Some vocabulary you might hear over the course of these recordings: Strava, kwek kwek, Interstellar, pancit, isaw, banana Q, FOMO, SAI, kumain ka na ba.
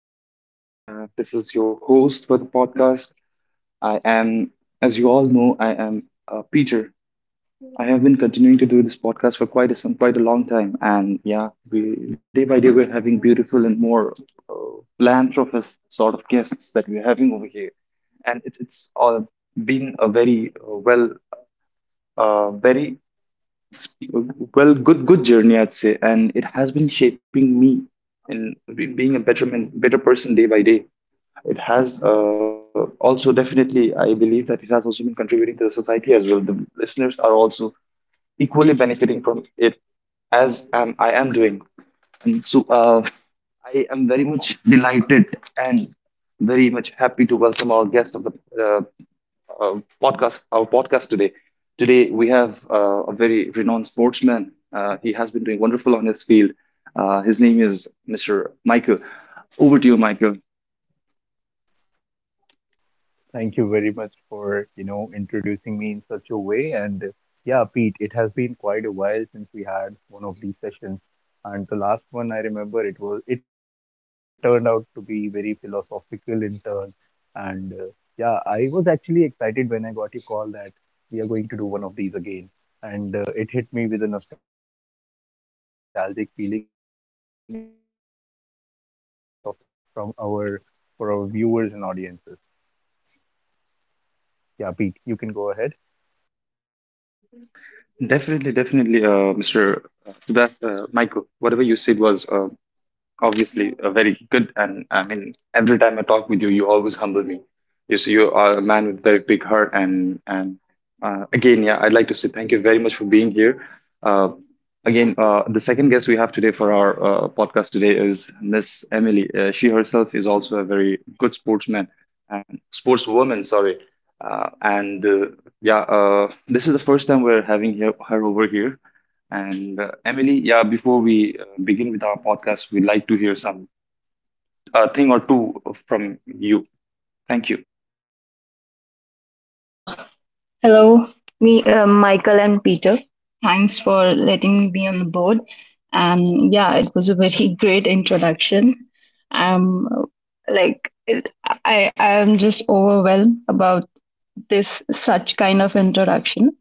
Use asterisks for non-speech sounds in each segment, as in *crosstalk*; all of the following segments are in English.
and welcome, everyone. This is your host for the podcast. I am, as you all know, I am Peter. I have been continuing to do this podcast for quite a long time, and yeah, we day by day we're having beautiful and more philanthropist sort of guests that we're having over here, and it's all been a very very good journey, I'd say, and it has been shaping me in being a better man, better person day by day. It has also definitely, I believe that it has also been contributing to the society as well. The listeners are also equally benefiting from it as am I am doing. And so I am very much delighted and very much happy to welcome our guest of the uh, podcast, our podcast today. Today we have a very renowned sportsman. He has been doing wonderful on his field. His name is Mr. Michael. Over to you, Michael. Thank you very much for, you know, introducing me in such a way. And yeah, Pete, it has been quite a while since we had one of these sessions. And the last one I remember it turned out to be very philosophical in turn. And yeah, I was actually excited when I got your call that we are going to do one of these again. And it hit me with a nostalgic feeling as well. But yeah, I want that we get the best out of it from our for our viewers and audiences. Yeah, Pete, you can go ahead. Definitely, definitely, Mr. That Michael. Whatever you said was obviously very good, and I mean every time I talk with you, you always humble me. You see, you are a man with very big heart, and again, yeah, I'd like to say thank you very much for being here. Uh, again The second guest we have today for our podcast today is Miss Emily. She herself is also a very good sportsman and sportswoman, sorry. And yeah This is the first time we're having her over here, and Emily, yeah, before we begin with our podcast, we'd like to hear some a thing or two from you. Thank you. Uh, Hello, Michael and Peter. Thanks for letting me on the board. And yeah, it was a very *laughs* great introduction. Um, like, it, I am just overwhelmed about this such kind of introduction.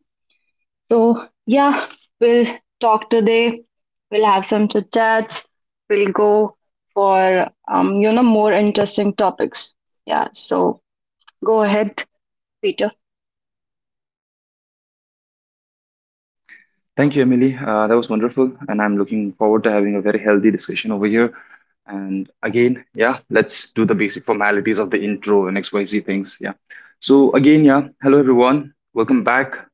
So yeah, we'll talk today. We'll have some chit chats. We'll go for more interesting topics. Yeah. So go ahead, Peter. Thank you, Emily. That was wonderful, and I'm looking forward to having a very healthy discussion over here. And again, yeah, let's do the basic formalities of the intro and XYZ things. Yeah. So, again, yeah, hello everyone. Welcome back.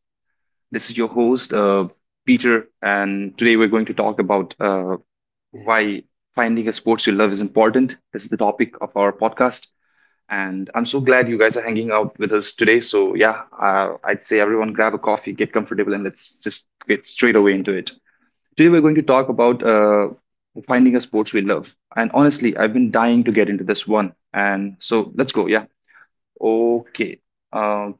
This is your host, Peter, and today we're going to talk about why finding a sports you love is important. This is the topic of our podcast. And I'm so glad you guys are hanging out with us today. So, yeah, I'd say everyone grab a coffee, get comfortable, and let's just get straight away into it. Today, we're going to talk about finding a sports we love. And honestly, I've been dying to get into this one. And so, let's go. Yeah. Okay. Um,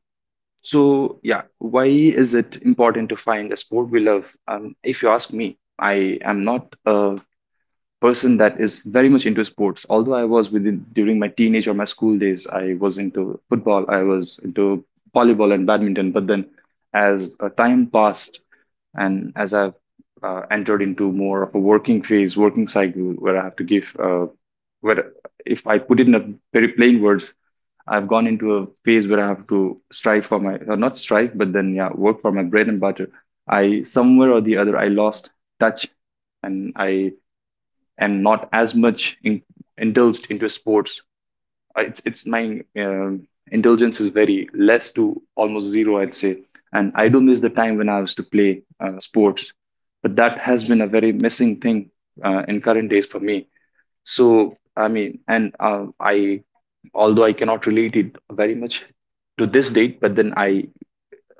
so, yeah, why is it important to find a sport we love? If you ask me, I am not a person that is very much into sports. Although I was within during my teenage or my school days, I was into football, I was into volleyball and badminton. But then, as time passed, and as I've entered into more of a working phase, working cycle, where I have to give, where if I put it in a very plain words, I've gone into a phase where I have to strive for my, or not strive, but then yeah, work for my bread and butter. I Somewhere or the other, I lost touch, and I and not as much indulged into sports. It's my indulgence is very less to almost zero, I'd say. And I do miss the time when I was to play sports, but that has been a very missing thing in current days for me. So I mean, and I although I cannot relate it very much to this date, but then I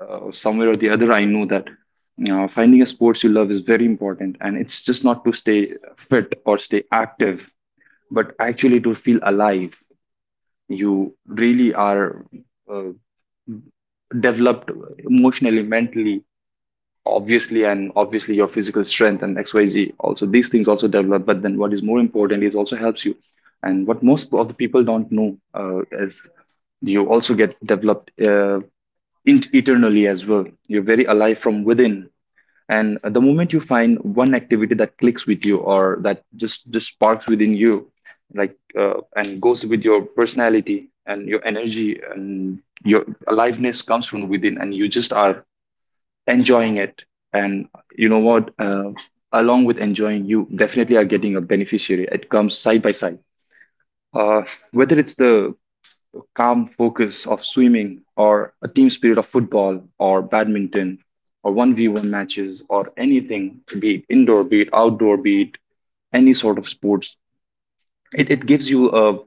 somewhere or the other I know that, you know, finding a sports you love is very important, and it's just not to stay fit or stay active, but actually to feel alive. You really are uh, developed emotionally, mentally, obviously, and obviously your physical strength and XYZ also, these things also develop. But then what is more important is also helps you, and what most of the people don't know is you also get developed eternally as well. You're very alive from within, and the moment you find one activity that clicks with you, or that just sparks within you, and goes with your personality and your energy, and your aliveness comes from within, and you just are enjoying it. And you know what, along with enjoying, you definitely are getting a beneficiary. It comes side by side. uh, Whether it's the calm focus of swimming, or a team spirit of football or badminton, or 1v1 matches, or anything, be it indoor, be it outdoor, be it any sort of sports, it gives you a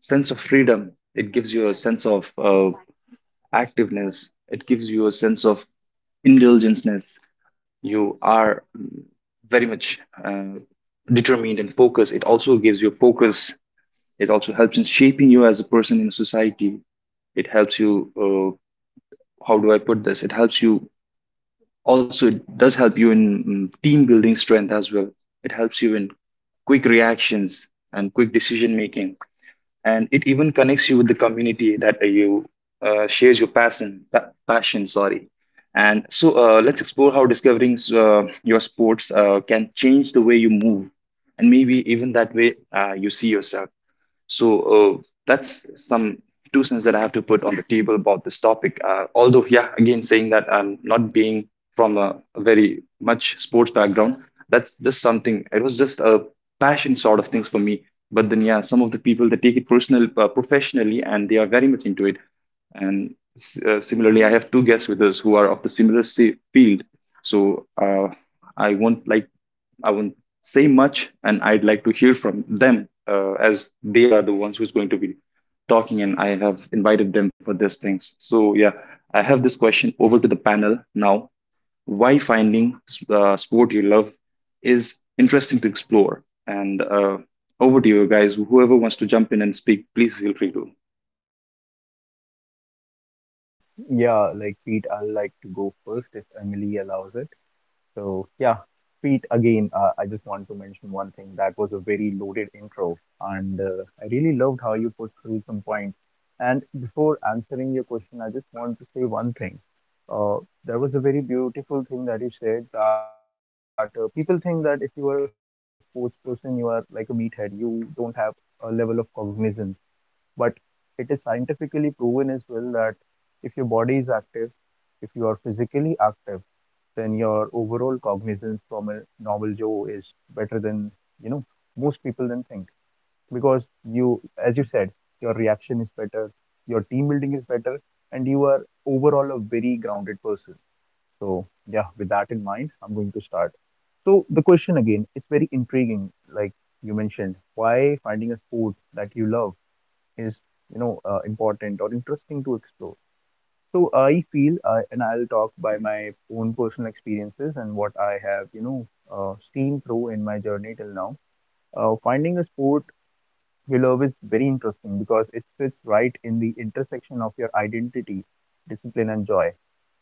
sense of freedom. It gives you a sense of activeness. It gives you a sense of indulgenceness. You are very much uh, determined and focused. It also gives you focus. It also helps in shaping you as a person in society. It helps you, how do I put this? It helps you, also, it does help you in team building strength as well. It helps you in quick reactions and quick decision making. And it even connects you with the community that you shares your passion, sorry. And so, let's explore how discovering your sports can change the way you move, and maybe even that way you see yourself. So that's some two cents that I have to put on the table about this topic. Although, yeah, again, saying that I'm not being from a very much sports background, that's just something. It was just a passion sort of things for me. But then, yeah, some of the people that take it personal, professionally, and they are very much into it. And similarly, I have two guests with us who are of the similar field. So I won't like I won't say much, and I'd like to hear from them, as they are the ones who's going to be talking, and I have invited them for these things. So yeah, I have this question over to the panel now. Why finding sport you love is interesting to explore? And over to you guys. Whoever wants to jump in and speak, please feel free to. Yeah, like Pete, I'd like to go first if Emily allows it. So, yeah, Pete, again, I just want to mention one thing. That was a very loaded intro, and I really loved how you put through some points. And before answering your question, I just want to say one thing. Uh, there was a very beautiful thing that you said that people think that if you are a sports person, you are like a meathead. You don't have a level of cognizance, but it is scientifically proven as well that if your body is active, if you are physically active, then your overall cognizance from a normal Joe is better than, you know, most people then think, because you, as you said, your reaction is better, your team building is better, and you are overall a very grounded person. So yeah, with that in mind, I'm going to start. So the question again, it's very intriguing, like you mentioned, why finding sport that you love is, you know, important or interesting to explore. So I feel, and I'll talk by my own personal experiences and what I have, you know, seen through in my journey till now. Finding a sport Willow is very interesting because it fits right in the intersection of your identity, discipline, and joy.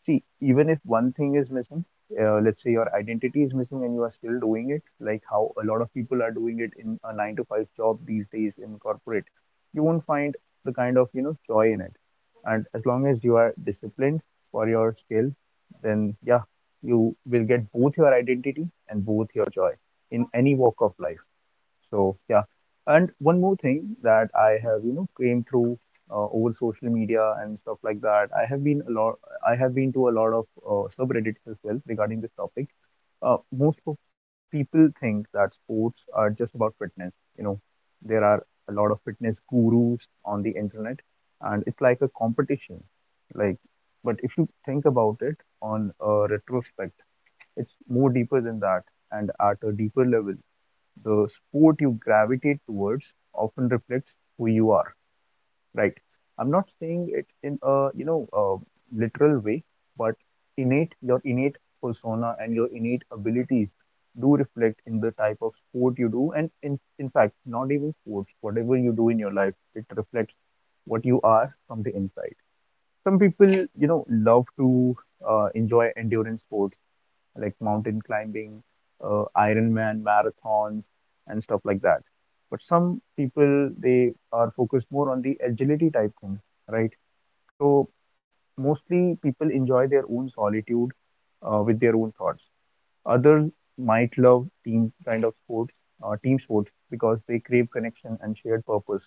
See, even if one thing is missing, let's say your identity is missing and you are still doing it, like how a lot of people are doing it in a nine to five job these days corporate, you won't find the kind of, you know, joy in it. And as long as you are disciplined for your skill, then yeah, you will get both your identity and both your joy in any walk of life. So yeah, and one more thing that I have, you know, came through over social media and stuff like that. I have been a lot. I have been to a lot of subreddits as well regarding this topic. Most of people think that sports are just about fitness. You know, there are a lot of fitness gurus on the internet, and it's like a competition. Like, but if you think about it on a retrospect, it's more deeper than that, and at a deeper level the sport you gravitate towards often reflects who you are, right? I'm not saying it in a, you know, literal way. Innate your innate persona and your innate abilities do reflect in the type of sport you do, and in fact not even sports, whatever you do in your life, it reflects what you are from the inside. Some people, you know, love to enjoy endurance sports like mountain climbing, Ironman marathons, and stuff like that. But some people they are focused more on the agility type things, right? So mostly people enjoy their own solitude with their own thoughts. Others might love team kind of sports, team sports, because they crave connection and shared purpose,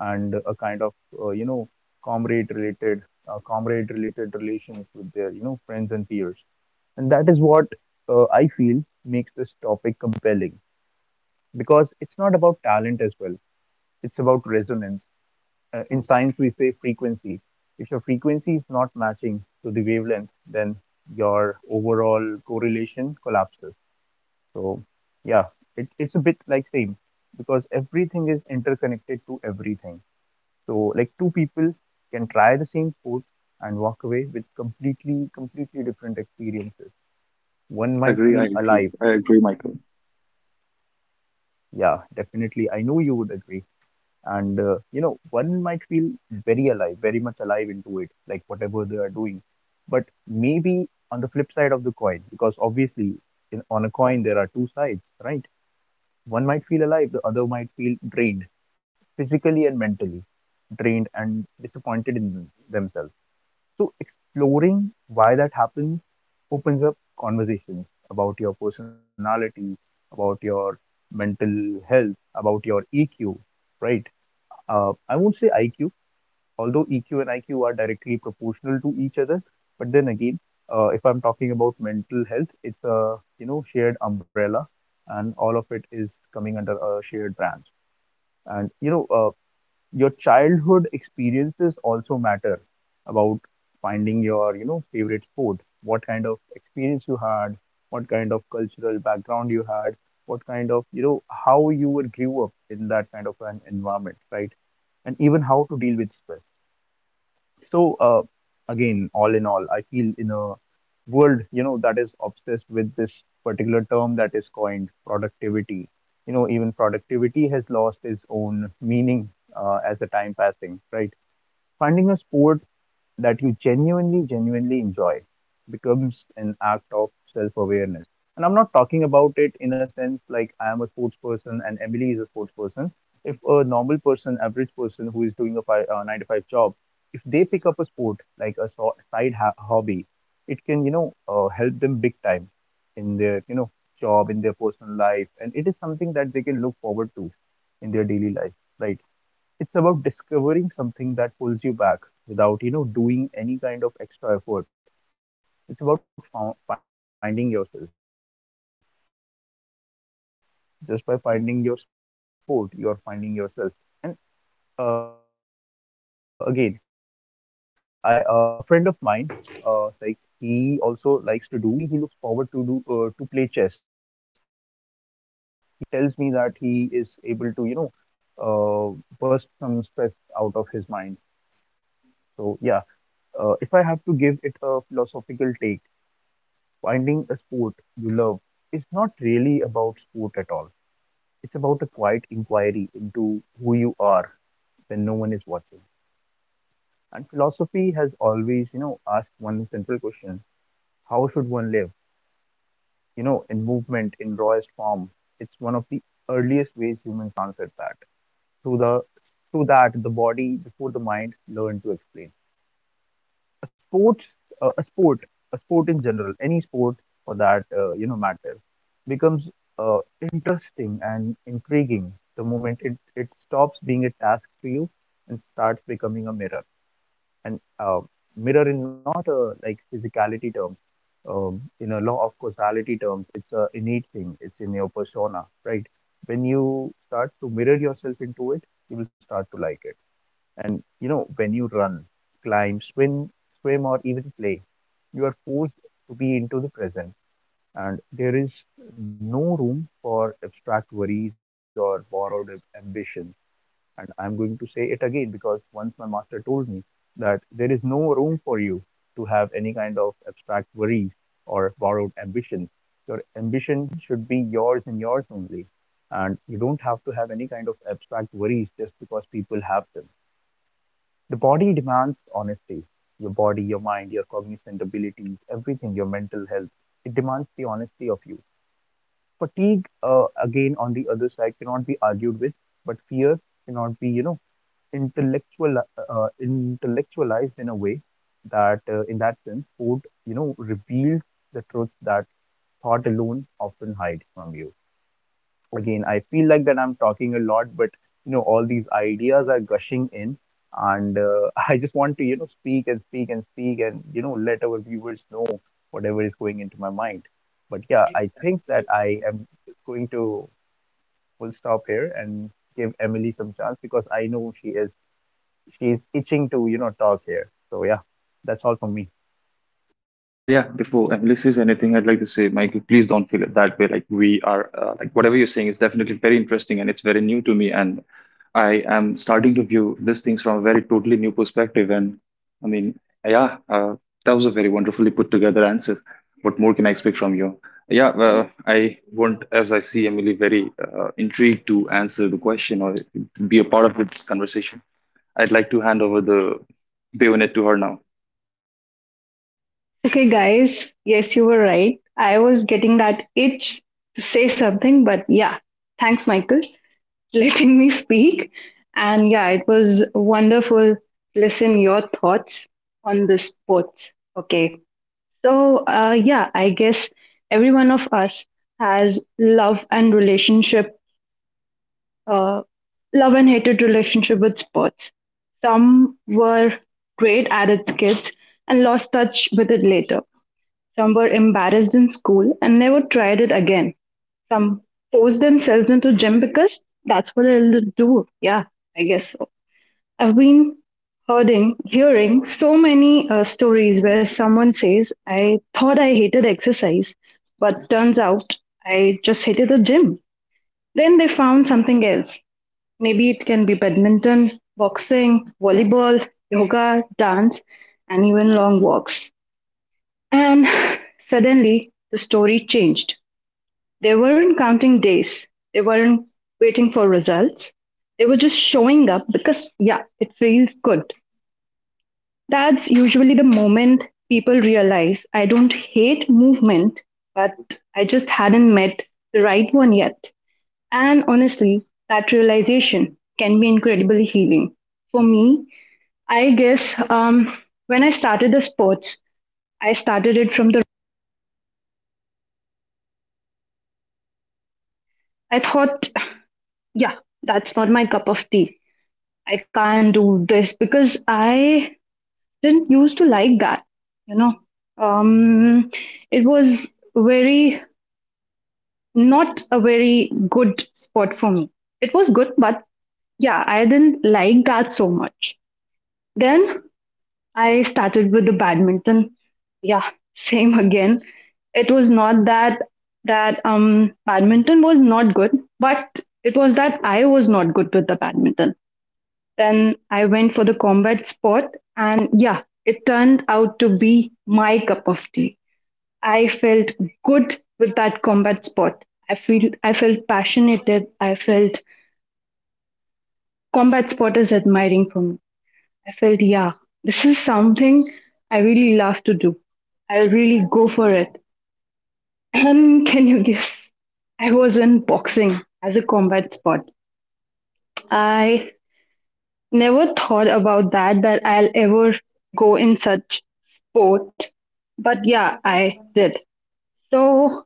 and a kind of, you know, comrade related, comrade related relations with their, you know, friends and peers. And that is what I feel makes this topic compelling, because it's not about talent as well, it's about resonance. In science, we say frequency. If your frequency is not matching to the wavelength, then your overall correlation collapses. So yeah, it's a bit like same, because everything is interconnected to everything. So like two people can try the same food and walk away with completely different experiences. One might Agree, I feel agree. alive. I agree, Michael. Yeah, definitely. I know you would agree. And you know, one might feel very alive, very much alive into it, like whatever they are doing. But maybe on the flip side of the coin, because obviously on a coin there are two sides, right? One might feel alive, the other might feel drained, physically and mentally drained and disappointed in themselves. So exploring why that happens opens up conversations about your personality, about your mental health, about your EQ, right? I won't say IQ, although EQ and IQ are directly proportional to each other. But then again, if I'm talking about mental health, it's a, you know, shared umbrella, and all of it is coming under a shared branch. And you know, your childhood experiences also matter about finding your, you know, favorite sport, what kind of experience you had, what kind of cultural background you had, what kind of, you know, how you would grew up in that kind of an environment, right? And even how to deal with stress. So again, all in all, I feel a world, you know, that is obsessed with this particular term that is coined productivity. You know, even productivity has lost its own meaning as the time passing, right? Finding a sport that you genuinely enjoy becomes an act of self awareness. And I'm not talking about it in a sense like I am a sports person and Emily is a sports person. If a normal person, average person who is doing a nine to five job, if they pick up a sport like a hobby, it can, you know, help them big time in their, you know, job, in their personal life. And it is something that they can look forward to in their daily life, right? It's about discovering something that pulls you back without, you know, doing any kind of extra effort. It's about finding yourself. Just by finding your sport, you're finding yourself. And again, I a friend of mine, like he also likes to do some sports in his alone time, and whenever he's free, he looks forward to do to play chess. He's a colleague of mine, and when he plays chess, he tells me that he is able to, you know, uh, burst some stress out of his mind. So yeah, if I have to give it a philosophical take, finding a sport you love is not really about sport at all. It's about a quiet inquiry into who you are when no one is watching. And philosophy has always, you know, asked one central question: how should one live? You know, in movement, in rawest form, it's one of the earliest ways humans answered that. Through, the, through that, the body before the mind learned to explain. a sports uh, a sport a sport in general, any sport for that, you know, matter, becomes, uh, interesting and intriguing the moment it stops being a task to you and starts becoming a mirror. And mirror in not a like physicality terms, in a law of causality terms, it's a innate thing, it's in your persona, right? When you start to mirror yourself into it, you will start to like it. And you know, when you run, climb, swim, or even play, you are forced to be into the present, and there is no room for abstract worries or borrowed ambition. And I'm going to say it again, because once my master told me that there is no room for you to have any kind of abstract worries or borrowed ambitions. Your ambition should be yours and yours only. And you don't have to have any kind of abstract worries just because people have them. The body demands honesty. Your body, your mind, your cognizant abilities, everything, your mental health. It demands the honesty of you. Fatigue, again, on the other side, cannot argued with, but fear cannot be, intellectual, intellectualized in a way in that sense, food, reveals the truth that thought alone often hides from you. Again, I feel like that I'm talking a lot, but all these ideas are gushing in. And *laughs* I just want to speak and speak and speak, and let our viewers know whatever is going into my mind. But yeah, I think that I am going to full stop here and give Emily some chance because I know she is itching to talk here. So yeah, that's all from me. Yeah, before Emily says anything, I'd like to say, Michael, please don't feel it that way. Like we are, like whatever you're saying is definitely very interesting and it's very new to me, and I am starting to view these things from a very totally new perspective. And I mean, yeah, that was a very wonderfully put together answer. What more can I expect from you? Yeah, as I see Emily, very intrigued to answer the question or be a part of this conversation. I'd like to hand over the bayonet to her now. Okay, guys, yes, you were right. I was getting that itch to say something, but yeah, thanks, Michael, *laughs* letting me speak. And yeah, it was wonderful to listen your thoughts on this sport. Okay, so yeah, I guess every one of us has love and relationship, uh, love and hated relationship with sports. Some were great at its kids and lost touch with it later, some were embarrassed in school and never tried it again. Some forced themselves into gym because that's what I'll do. Yeah, I guess so. I've been hearing so many stories where someone says, I thought I hated exercise, but turns out I just hated the gym. Then they found something else. Maybe it can be badminton, boxing, volleyball, yoga, dance, and even long walks. And *laughs* *sighs* suddenly the story changed. They weren't counting days. They weren't waiting for results. They were just showing up because, yeah, it feels good. That's usually the moment people realize I don't hate movement, but I just hadn't met the right one yet. And honestly, that realization can be incredibly healing. For me, I guess when I started the sports, I started it from the, I thought, yeah, that's not my cup of tea. I can't do this because I didn't used to like that, you know. Um, it was very not a very good spot for me. It was good, but yeah, I didn't like that so much. Then I started with the badminton. Yeah, same again. It was not that that badminton was not good, but it was that I was not good with the badminton. Then I went for the combat sport, and yeah, it turned out to be my cup of tea. I felt good with that combat sport. I felt passionate. I felt combat sport is admiring for me. I felt yeah, this is something I really love to do. I'll really go for it. *clears throat* And can you guess? I was in boxing as a combat sport. I never thought about that I'll ever go in such sport. But yeah, I did. So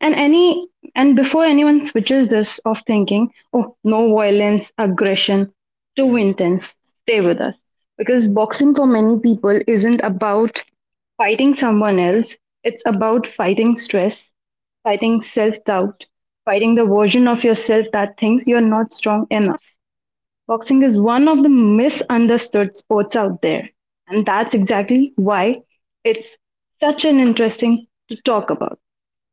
and any and before anyone switches this of thinking, oh no, violence, aggression, too intense, stay with us. Because boxing for many people isn't about fighting someone else, it's about fighting stress, fighting self doubt, fighting the version of yourself that thinks you're not strong enough. Boxing is one of the misunderstood sports out there, and that's exactly why it's such an interesting to talk about.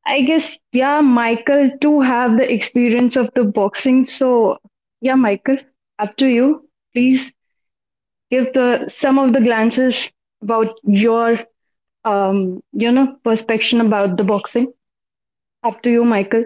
I guess, yeah, Michael too have the experience of the boxing, so yeah, Michael, up to you. Please give the some of the glances about your perspective about the boxing. Up to you, Michael.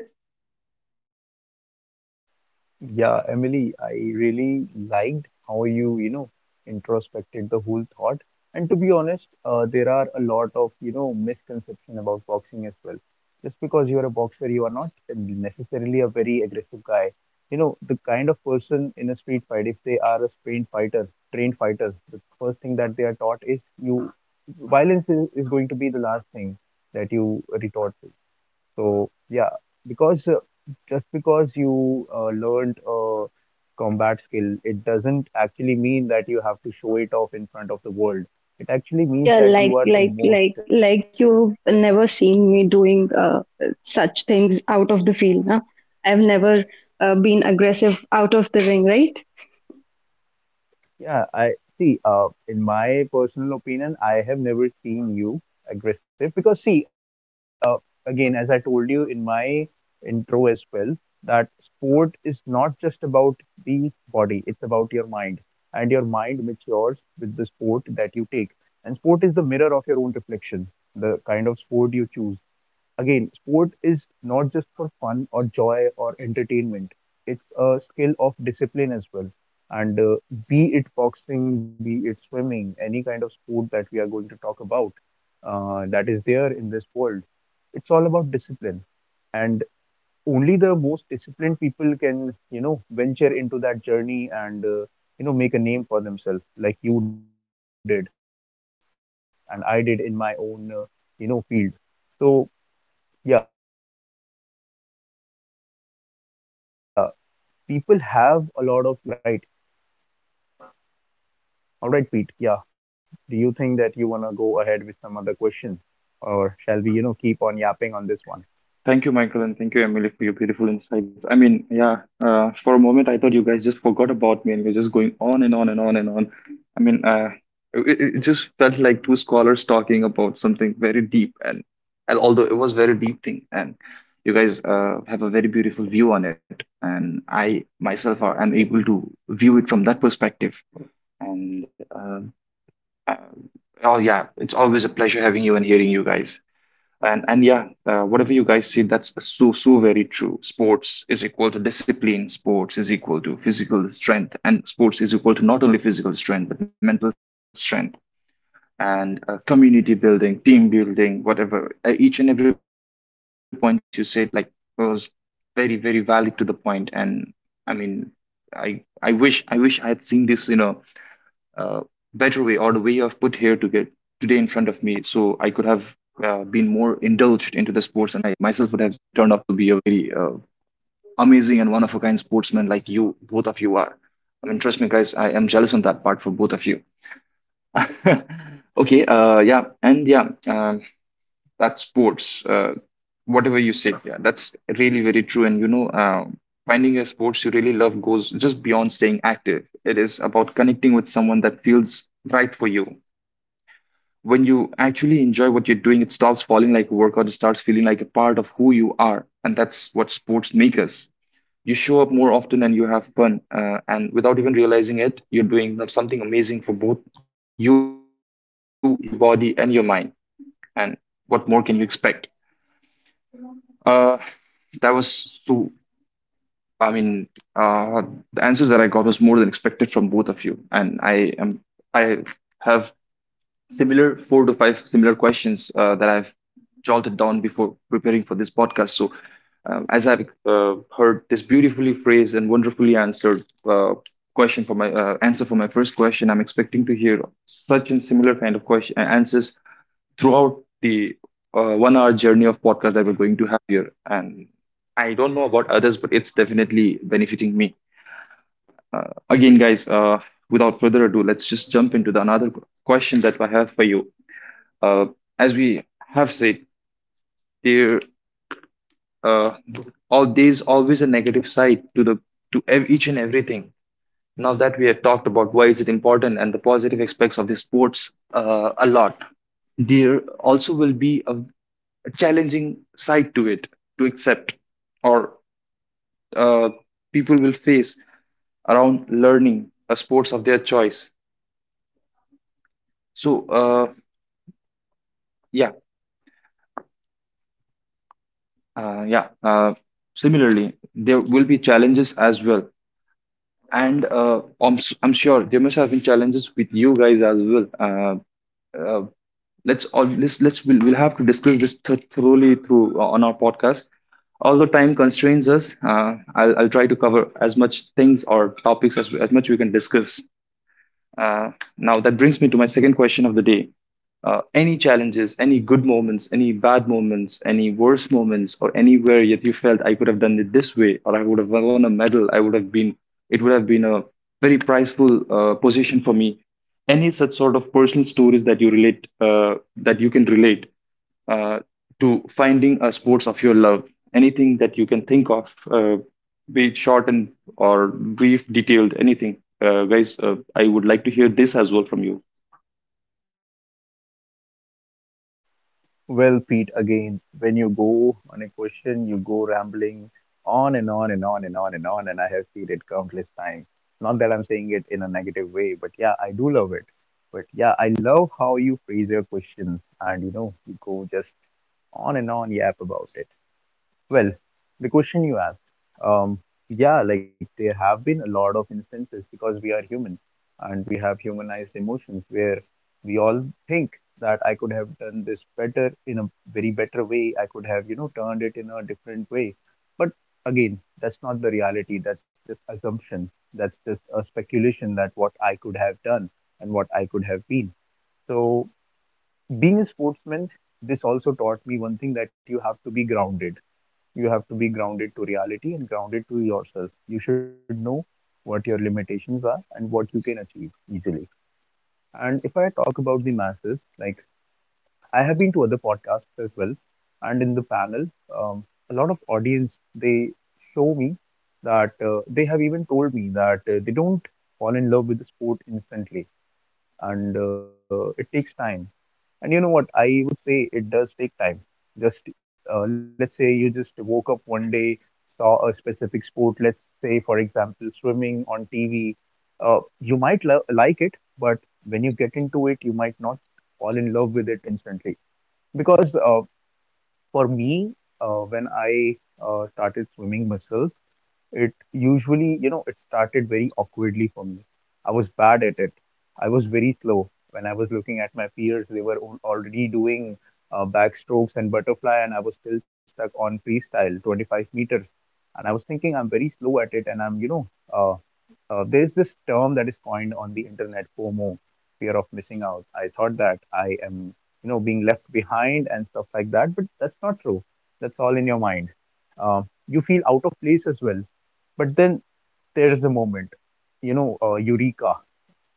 Yeah, Emily, I really liked how you, introspected the whole thought. And to be honest, there are a lot of, misconception about boxing as well. Just because you're a boxer, you are not necessarily a very aggressive guy. You know, the kind of person in a street fight, if they are trained fighters, the first thing that they are taught is violence is going to be the last thing that you retort to. So yeah, because just because you learned a combat skill, it doesn't actually mean that you have to show it off in front of the world. It actually means Yeah, that you like are the like most. like like you've never seen me doing such things out of the field, huh? I've never been aggressive out of the ring, right? Yeah, I see. In my personal opinion, I have never seen you aggressive because, see, again, as I told you in my intro as well, that sport is not just about the body, it's about your mind, and your mind matures with the sport that you take. And sport is the mirror of your own reflection, the kind of sport you choose. Again, sport is not just for fun or joy or entertainment. It's a skill of discipline as well. And be it boxing, be it swimming, any kind of sport that we are going to talk about that is there in this world, it's all about discipline. And only the most disciplined people can, you know, venture into that journey and, make a name for themselves, like you did and I did in my own, field. So, yeah, people have a lot of general misconceptions, but it's not necessarily true, right? All right, Pete. Yeah. Do you think that you wanna go ahead with some other question, or shall we keep on yapping on this one? Thank you, Michael, and thank you, Emily, for your beautiful insights. I mean, yeah, for a moment, I thought you guys just forgot about me and you're just going on and on and on and on. I mean, it just felt like two scholars talking about something very deep, and although it was very deep thing, and you guys have a very beautiful view on it, and I myself am able to view it from that perspective. And uh, oh yeah, it's always a pleasure having you and hearing you guys. And yeah, whatever you guys said, that's so very true. Sports is equal to discipline. Sports is equal to physical strength, and sports is equal to not only physical strength but mental strength and community building, team building, whatever. Each and every point you said like was very valid to the point. And I mean, I wish I had seen this, uh, better way or the way you have put here to get today in front of me so I could have been more indulged into the sports, and I myself would have turned out to be a very amazing and one of a kind sportsman like you, both of you are. I mean, trust me, guys, I am jealous on that part for both of you. *laughs* Okay. Yeah. And yeah. That's sports. Whatever you said, yeah, that's really very true. And finding a sports you really love goes just beyond staying active. It is about connecting with someone that feels right for you. When you actually enjoy what you're doing, it stops falling like work, or it starts feeling like a part of who you are, and that's what sports make us. You show up more often and you have fun, and without even realizing it, you're doing something amazing for both you, your body, and your mind. And what more can you expect? Uh, That was so, I mean, uh, the answers that I got was more than expected from both of you. I have similar four to five similar questions that I've jolted down before preparing for this podcast. So, as I've heard this beautifully phrased and wonderfully answered uh, question for my answer for my first question, I'm expecting to hear such and similar kind of question answers throughout the 1 hour journey of podcast that we're going to have here. And I don't know about others, but it's definitely benefiting me. Again, guys, without further ado, let's just jump into the another question that I have for you. Uh, as we have said, there uh, there's always a negative side to each and everything. Now that we have talked about why is it important and the positive aspects of the sports a lot, there also will be a challenging side to it to accept, or uh, people will face around learning a sports of their choice. So, yeah uh, yeah uh, similarly, there will be challenges as well. And I'm sure there must have been challenges with you guys as well. Uh, uh, Let's all let's let's we'll, we'll have to discuss this thoroughly through on our podcast. Although time constrains us, I'll try to cover as much things or topics as much we can discuss. uh, Now, that brings me to my second question of the day. Any challenges, any good moments, any bad moments, any worse moments, or anywhere yet you felt I could have done it this way, or I would have won a medal, I would have been, it would have been a very prizeful position for me. Any such sort of personal stories that you relate, that you can relate, uh, to finding a sports of your love. Anything that you can think of, be it short and or brief, detailed, anything. Guys, I would like to hear this as well from you. Well, Pete, again, when you go on a question, you go rambling on and on and on and on and on, and I have seen it times. Not that I'm saying it in a negative way, but yeah, I do love it. But yeah, I love how you phrase your questions, and you go just on and on yap about it. Well, the question you asked, um, yeah, like there have been a lot of instances because we are human and we have humanized emotions where we all think that I could have done this better in a very better way. I could have, turned it in a different way. But again, that's not the reality. That's just assumption. That's just a speculation that what I could have done and what I could have been. So being a sportsman, this also taught me one thing that you have to be grounded. You have to be grounded to reality and grounded to yourself. You should know what your limitations are and what you can achieve easily. And if I talk about the masses, like I have been to other podcasts as well, and in the panel, um, a lot of audience they show me that they have even told me that they don't fall in love with the sport instantly, and it takes time. And you know what? I would say it does take time. Just let's say you just woke up one day, saw a specific sport, let's say, for example, swimming on TV. You might lo like it, but when you get into it, you might not fall in love with it instantly. Because for me, when I started swimming myself, it usually, you know, it started very awkwardly for me. I was bad it. I was very slow. When I was looking at my peers, they were already doing backstrokes and butterfly, and I was still stuck on freestyle, 25 meters. And I was thinking, I'm very slow at it, and there is this term that is coined on the internet, FOMO, fear of missing out. I thought that I am, you know, being left behind and stuff like that, but that's not true. That's all in your mind. Uh, you feel out of place as well. But then there is the moment, Eureka.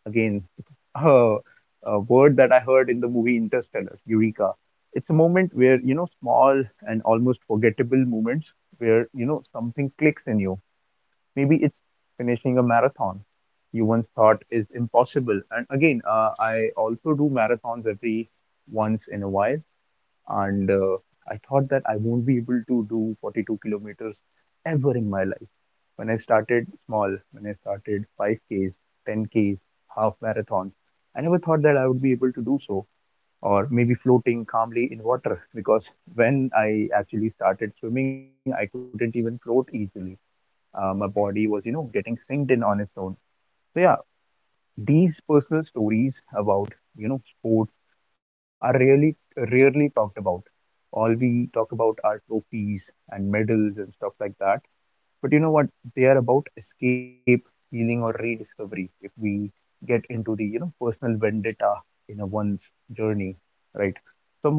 Again, *laughs* uh, a word that I heard in the movie Interstellar, Eureka. It's a moment where, you know, small and almost forgettable moments where, you know, something clicks in you. Maybe it's finishing a marathon you once thought is impossible. And again, I also do marathons every once in a while, and I thought that I won't be able to do 42 kilometers ever in my life. When I started small, when I started 5Ks, 10Ks, half marathons, I never thought that I would be able to do so, or maybe floating calmly in water, because when I actually started swimming, I couldn't even float easily. My body was, you know, getting synced in on its own. So yeah, these personal stories about, you know, sports are really rarely talked about. All we talk about are trophies and medals and stuff like that, but you know what? They are about escape, healing, or rediscovery if we get into the, you know, personal vendetta in a one's journey, right?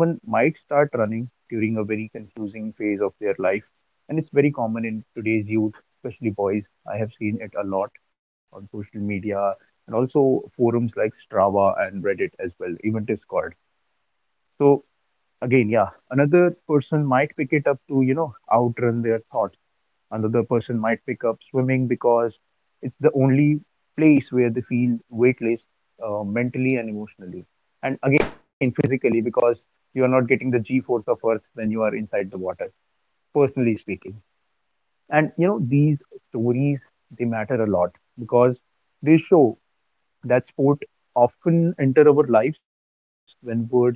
Someone might start running during a very confusing phase of their life, and it's very common in today's youth, especially boys. I have seen it a lot on social media and also forums like Strava and Reddit as well, even Discord. So again, yeah, another person might pick it up to, you know, outrun their thoughts. Another person might pick up swimming because it's the only place where they feel weightless mentally and emotionally. And again, physically, because you are not getting the G force of Earth when you are inside the water, personally speaking. And you know, these stories, they matter a lot because they show that sport often enter our lives when words fail us.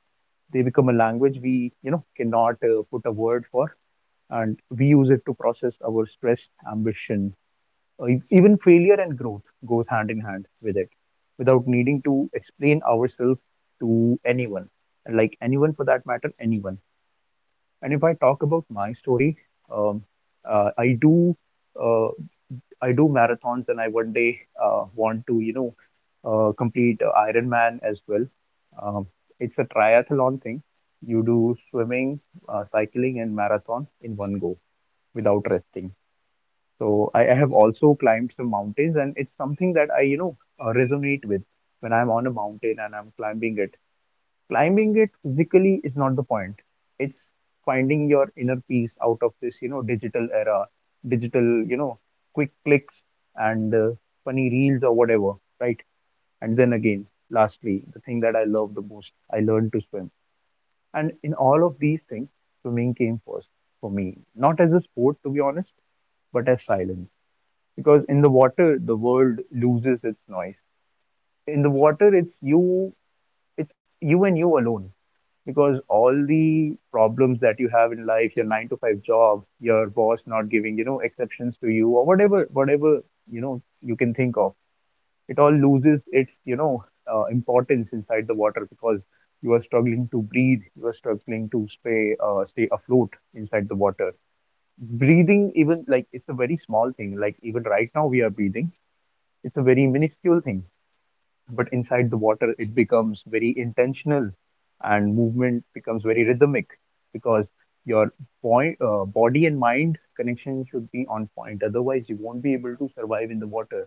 They become a language we, cannot put a word for, and we use it to process our stress, ambition, even failure and growth goes hand in hand with it without needing to explain ourselves to anyone. And like anyone, for that matter, anyone I talk about my story. Um, uh, i do uh, i do marathons, and I one day want to, complete Ironman as well. um, it's a triathlon thing. You do swimming, cycling, and marathon in one go without resting. So I have also climbed some mountains, and it's something that I, you know, resonate with when I'm on a mountain and climbing it. Climbing it physically is not the point. It's finding your inner peace out of this, you know, digital era, digital, quick clicks and funny reels or whatever, right? And then again, lastly, the thing that I love the most, I learned to swim. And in all of these things, swimming came first for me, not as a sport, to be honest, but as silence. Because in the water, the world loses its noise. In the water, it's you. It's you and you alone. Because all the problems that you have in life, your 9 to 5 job, your boss not giving, exceptions to you, or whatever whatever, you can think of, it all loses its, you know, importance inside the water. Because you are struggling to breathe, you are struggling to stay afloat inside the water. Breathing, even, like, it's a very small thing. Like, even right now we are breathing. It's a very minuscule thing, but inside the water, it becomes very intentional, and movement becomes very rhythmic. Because your body and mind connection should be on point. Otherwise, you won't be able to survive in the water.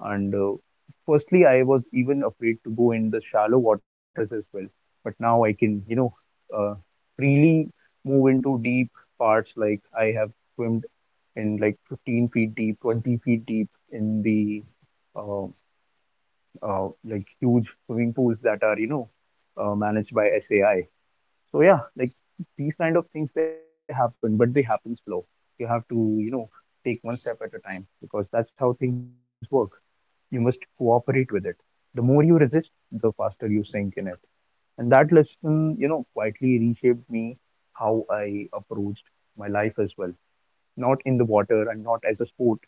And firstly, I was even afraid to go in the shallow waters as well. But now I can, you know, uh, freely move into deep parts. Like I have swimmed in like 15 feet deep, 20 feet deep in the uh, like huge swimming pools that are, you know, managed by SAI. So yeah, like these kind of things, they happen, but they happen slow. You have to, you know, take one step at a time because that's how things work. You must cooperate with it. The more you resist, the faster you sink in it. And that lesson, you know, quietly reshaped me how I approached my life as well, not in the water and not as a sport.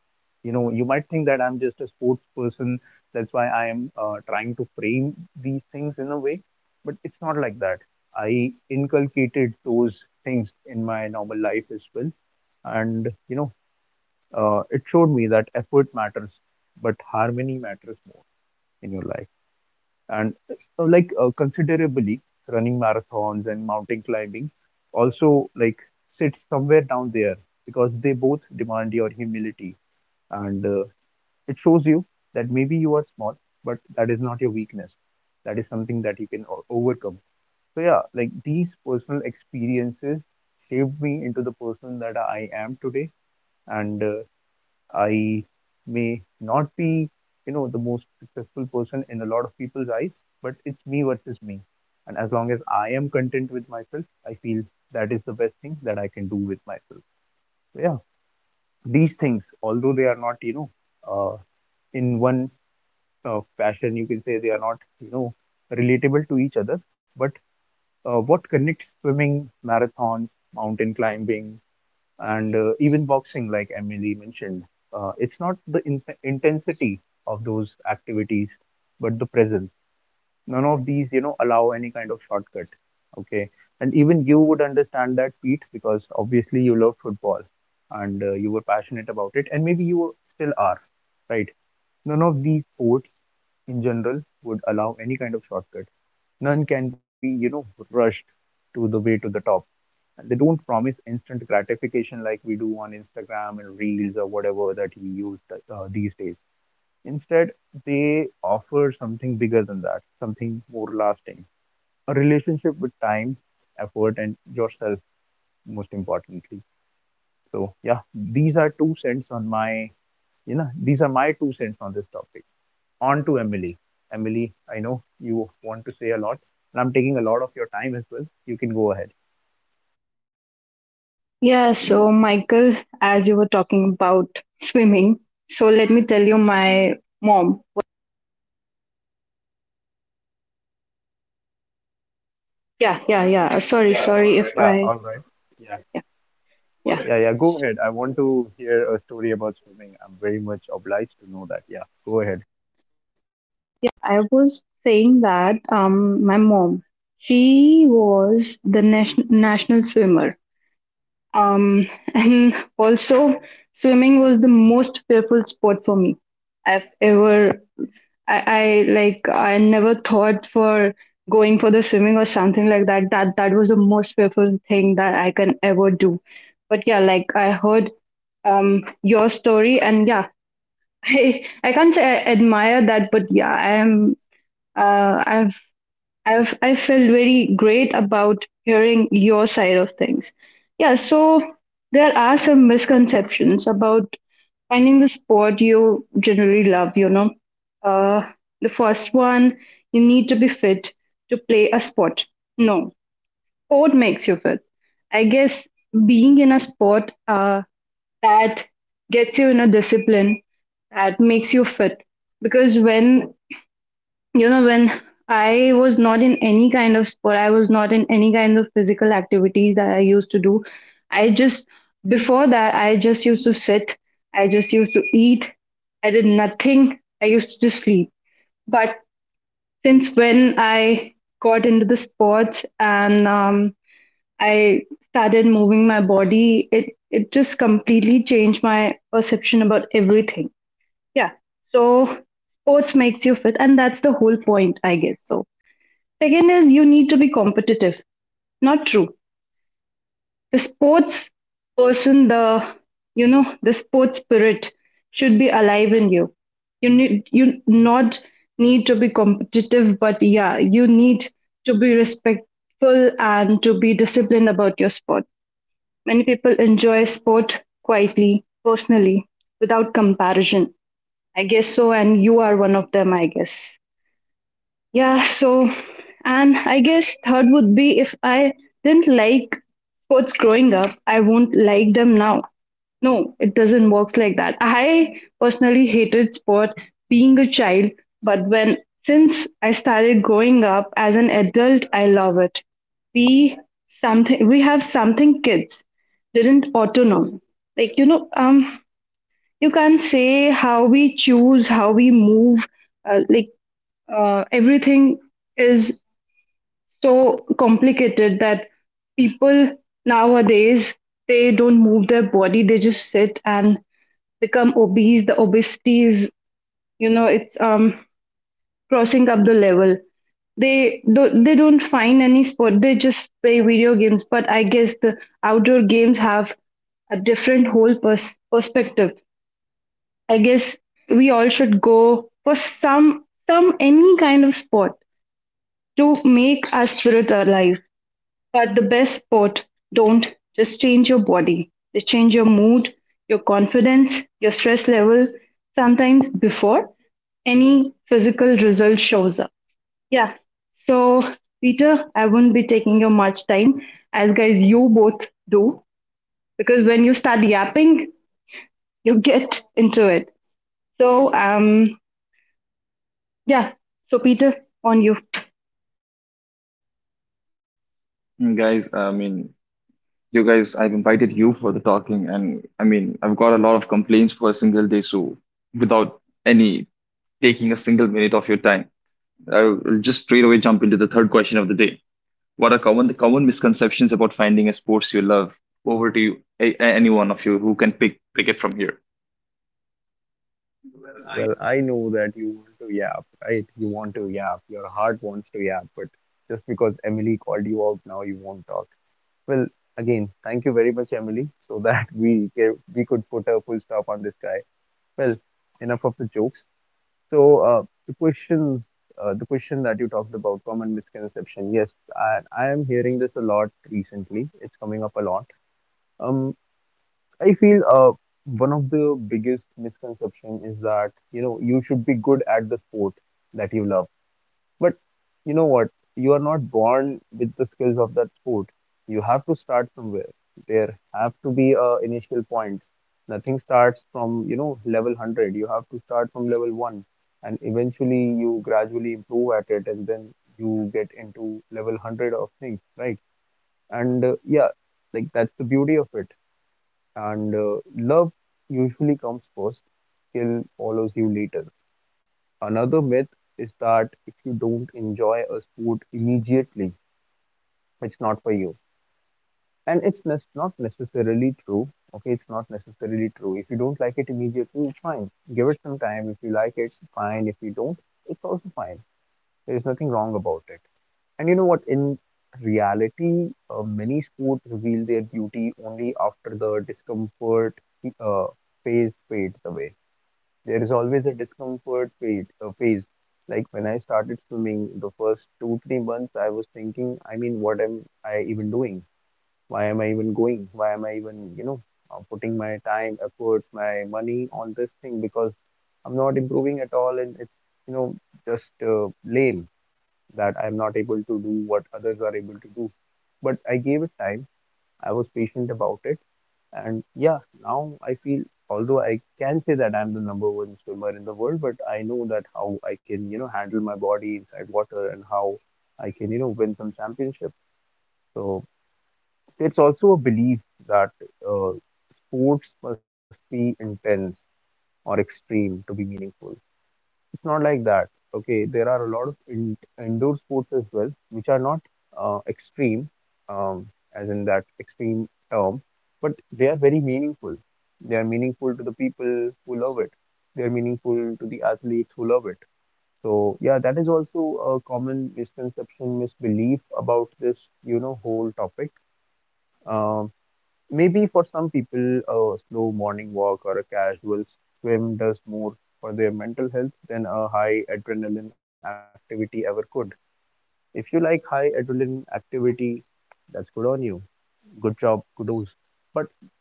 You know, you might think that I'm just a sports person. That's why I am trying to frame these things in a way, but it's not like that. I inculcated those things in my normal life as well, and it showed me that effort matters, but harmony matters more in your life, and like considerably, running marathons and mountain climbing also like sits somewhere down there because they both demand your humility, and it shows you that maybe you are small, but that is not your weakness. That is something that you can overcome. So yeah, like these personal experiences shaped me into the person that I am today. And I may not be, you know, the most successful person in a lot of people's eyes, but it's me versus me. And as long as I am content with myself, I feel that is the best thing that I can do with myself. So yeah, these things, although they are not, you know, uh, in one fashion, you can say they are not, you know, relatable to each other. But what connects swimming, marathons, mountain climbing, and even boxing, like Emily mentioned, it's not the intensity of those activities but the presence. None of these allow any kind of shortcut. Okay. And even you would understand that, Pete, because obviously you love football, and you were passionate about it, and maybe you still are, right? None of these sports in general would allow any kind of shortcut. None can be, rushed to the way to the top. They don't promise instant gratification like we do on Instagram and Reels or whatever that we use these days. Instead, they offer something bigger than that, something lasting: a relationship with time, effort, and yourself, most importantly. So, yeah, these are two cents on my, you know, these are my two cents on this topic. On to Emily. Emily, I know you want to say a lot, and I'm taking a lot of your time as well. You can go ahead. Yeah, so Michael, as you were talking about swimming, so let me tell you my mom. Yeah, yeah, yeah. Sorry, sorry if Yeah, I all right. Yeah. yeah, yeah, Yeah, yeah, go ahead. I want to hear a story about swimming. I'm very much obliged to know that. Yeah, go ahead. yeah. I was saying that my mom, she was the nation, national swimmer. Um, *laughs* and also, swimming was the most fearful sport for me. I've ever, I like, I never thought for going for the swimming or something like that. That was the most fearful thing that I can ever do. But yeah, like I heard your story, and yeah, *laughs* I can't say I admire that, but yeah, I am. Uh, I've I felt very great about hearing your side of things. Yeah, so there are some misconceptions about finding the sport you generally love, you know. Uh, the first one, you need to be fit to play a sport. No, sport makes you fit. I guess being in a sport that gets you in a discipline that makes you fit. Because when you know when I was not in any kind of sport, I was not in any kind of physical activities that I used to do, I just, before that I just used to sit, I just used to eat, I did nothing, I used to just sleep. But since when I got into the sports and I started moving my body, it just completely changed my perception about everything. Yeah, so sports makes you fit and that's the whole point, I guess so. Second is you need to be competitive. Not true. The sports person, the you know, the sports spirit should be alive in you. You need you not need to be competitive, but yeah, you need to be respectful and to be disciplined about your sport. Many people enjoy sport quietly, personally, without comparison. I guess so, and you are one of them, I guess. Yeah, so, and I guess third would be if I didn't like sports growing up, I won't like them now. No, it doesn't work like that. I personally hated sport being a child, but when since I started growing up as an adult, I love it. We something we have something kids didn't autonom. Like you know, you can't say how we choose, how we move. Uh, like everything is so complicated that people nowadays, they don't move their body, they just sit and become obese. The obesity is, you know, it's crossing up the level. They don't they don't find any sport, they just play video games. But I guess the outdoor games have a different whole perspective. I guess we all should go for some any kind of sport to make our spirit alive. But the best part, don't just change your body, just change your mood, your confidence, your stress level, sometimes before any physical result shows up. Yeah. So, Peter, I won't be taking you much time, as guys, you both do, because when you start yapping, you get into it. So, yeah. So, Peter, on you. Mm. Guys, you guys, I've invited you for the talking, and I mean, I've got a lot of complaints for a single day, so without any taking a single minute of your time, I'll just straight away jump into the third question of the day. What are common the common misconceptions about finding a sports you love? Over to you. Any one of you who can pick it from here. Well, I know that you want to yap, right? You want to yap. Your heart wants to yap, but just because Emily called you out, now you won't talk. Well, again, thank you very much, Emily, so that *laughs* we gave, we could put a full stop on this guy. Well, enough of the jokes. So, the questions, the question that you talked about, common misconception. Yes, I am hearing this a lot recently. It's coming up a lot. Um, I feel one of the biggest misconception is that you know you should be good at the sport that you love. But you know what? You are not born with the skills of that sport. You have to start somewhere. There have to be initial points. Nothing starts from, you know, level 100. You have to start from level 1, and eventually you gradually improve at it, and then you get into level 100 of things, right? And yeah, like that's the beauty of it, and love usually comes first, skill follows you later. Another myth is that if you don't enjoy a sport immediately, it's not for you, and it's not necessarily true. Okay, it's not necessarily true. If you don't like it immediately, it's fine. Give it some time. If you like it, fine. If you don't, it's also fine. There's nothing wrong about it. And you know what, in reality, many sports reveal their beauty only after the discomfort uh, phase fades away. There is always a discomfort phase. Like when I started swimming, the first two, 3 months, I was thinking, I mean, what am I even doing? Why am I even going? Why am I even, you know, putting my time, efforts, my money on this thing? Because I'm not improving at all, and it's, you know, just lame that I'm not able to do what others are able to do. But I gave it time. I was patient about it, and yeah, now I feel, although I can say that I'm the number one swimmer in the world, but I know that how I can, you know, handle my body inside water, and how I can, you know, win some championships. So it's also a belief that uh, sports must be intense or extreme to be meaningful. Not like that. Okay, there are a lot of indoor sports as well, which are not extreme, um, as in that extreme term, but they are very meaningful. They are meaningful to the people who love it. They are meaningful to the athletes who love it. So yeah, that is also a common misconception, misbelief about this, you know, whole topic. Um, Maybe for some people, a slow morning walk or a casual swim does more for their mental health than a high adrenaline activity ever could. If you like high adrenaline activity, that's good on you. Good job, kudos.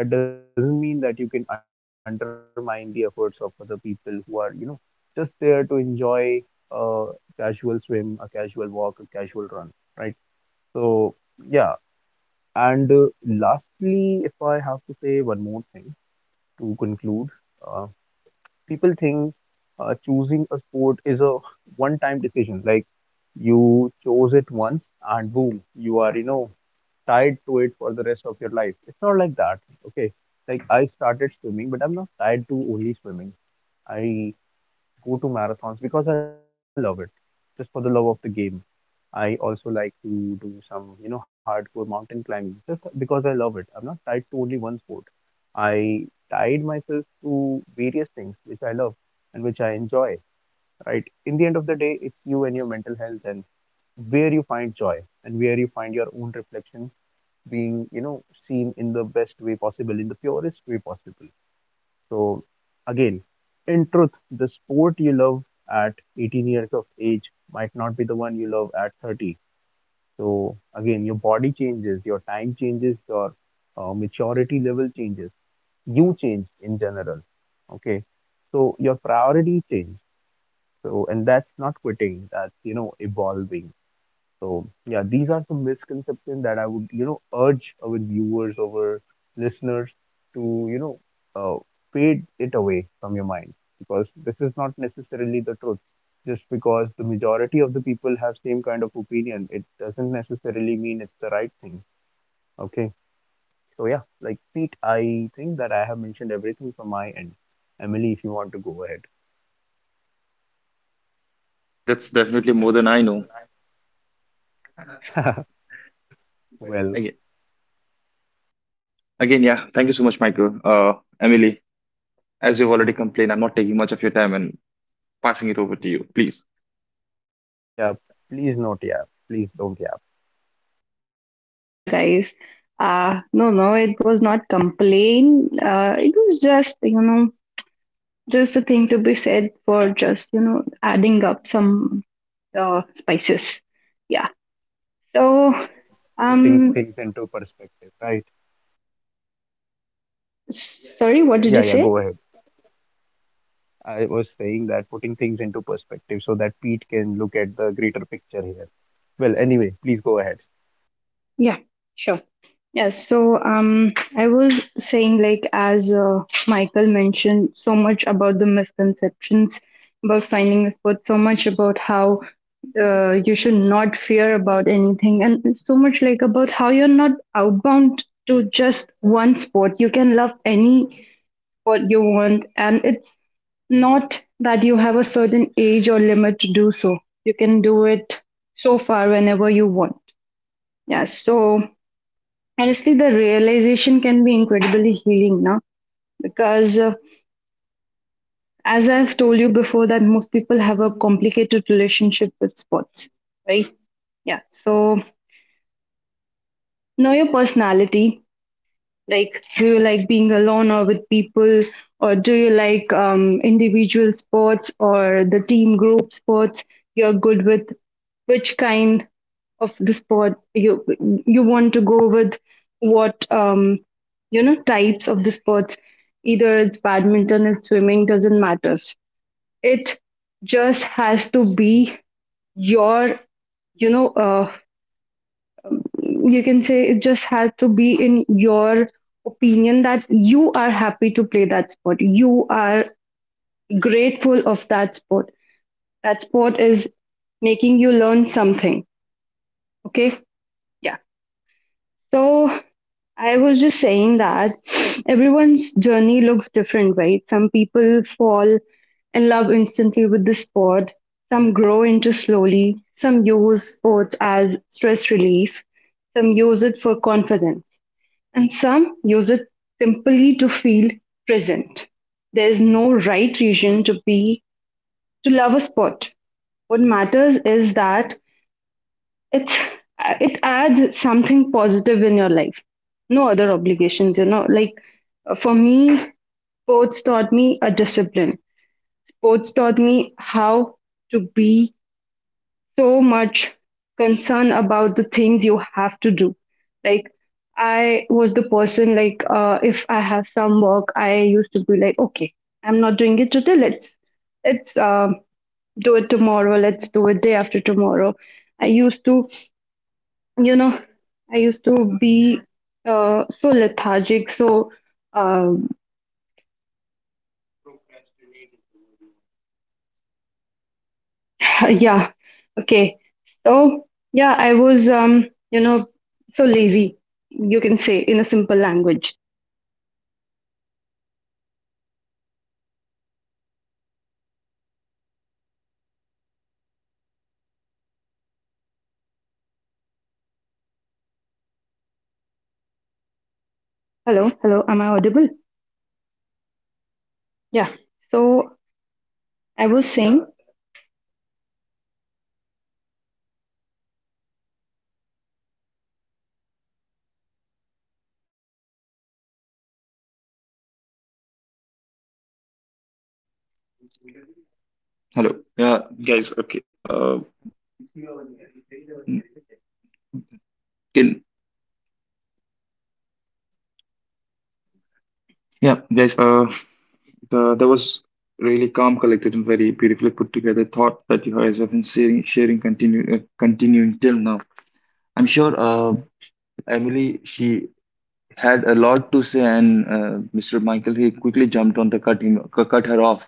But that doesn't mean that you can undermine the efforts of other people who are, you know, just there to enjoy a casual swim, a casual walk, a casual run, right? So, yeah, and lastly, if say one more thing to conclude, uh, people think choosing a sport is a one-time decision. Like you chose it once and boom, you are, you know, tied to it for the rest of your life. It's not like that. Okay. Like I started swimming, but I'm not tied to only swimming. I go to marathons because I love it, just for the love of the game. I also like to do some, you know, hardcore mountain climbing just because I love it. I'm not tied to only one sport. I tied myself to various things which I love and which I enjoy, right? In the end of the day, it's you and your mental health, and where you find joy, and where you find your own reflection being, you know, seen in the best way possible, in the purest way possible. So, again, in truth, the sport you love at 18 years of age might not be the one you love at 30. So again, your body changes, your time changes, your maturity level changes. You change in general. Okay. So your priorities change. So, and that's not quitting, that's, you know, evolving. So yeah, these are some misconceptions that I would, you know, urge our viewers, our listeners to, you know, uh, fade it away from your mind, because this is not necessarily the truth. Just because the majority of the people have same kind of opinion, it doesn't necessarily mean it's the right thing. Okay, so yeah, like Pete, I think that I have mentioned everything from my end. Emily, if you want to go ahead. Hey, that's definitely more than I know. Again, Well, again, yeah, thank you so much, Michael. Emily, as you've already complained, I'm not taking much of your time and passing it over to you, please. yeah, please not, yeah, please don't, yeah. Yeah, guys. No, no, it was not complain. It was just, you know, just a thing to be said for just, you know, adding up some spices. Yeah. So, Putting um, things into perspective, right? sorry, what did Yeah, you yeah, go say? ahead. I was saying that putting things into perspective so that Pete can look at the greater picture here. Well, anyway, please go ahead. Yeah, sure. Yes, so I was saying, like, as Michael mentioned, so much about the misconceptions about finding a sport, so much about how you should not fear about anything, and so much like about how you're not outbound to just one sport. You can love any sport you want, and it's not that you have a certain age or limit to do so. You can do it so far whenever you want. Yeah, so honestly the realization can be incredibly healing now because as I've told you before, that most people have a complicated relationship with sports, right? Yeah, so know your personality. Like, do you like being alone or with people, or do you like individual sports or the team group sports? You're good with which kind of the sport you want to go with? What types of the sports? Either it's badminton, it's swimming, doesn't matter. It just has to be your you know you can say it just has to be in your opinion that you are happy to play that sport, you are grateful of that sport, that sport is making you learn something, okay? Yeah, so I was just saying that everyone's journey looks different, right? Some people fall in love instantly with the sport, some grow into slowly, some use sports as stress relief, some use it for confidence, and some use it simply to feel present. There is no right reason to be to love a sport. What matters is that it's it adds something positive in your life. No other obligations, you know. Like for me, sports taught me a discipline. Sports taught me how to be so much concern about the things you have to do. Like I was the person like if I have some work, I used to be like, okay, I'm not doing it today. Let's let's do it tomorrow. Let's do it day after tomorrow. I used to, you know, I used to be so lethargic. So um, Procrastinate is the word you want to say. *laughs* yeah, okay. So yeah, I was you know, so lazy. You can say in a simple language. Mm-hmm. Yeah, yeah, yeah, definitely. Hello, That's hello, am I true. audible? Yeah. So I was saying, And yeah, that's exactly why it's necessary to, you know, understand these kind of misconceptions as well, because that's how, you know, you can help the viewers as well. Hello. Yeah, guys. Okay. In Yeah, guys. That was really calm, collected, and very beautifully put together thought that you guys have been continuing till now. I'm sure Emily, she had a lot to say, and Mr. Michael, he quickly jumped on to cut her off.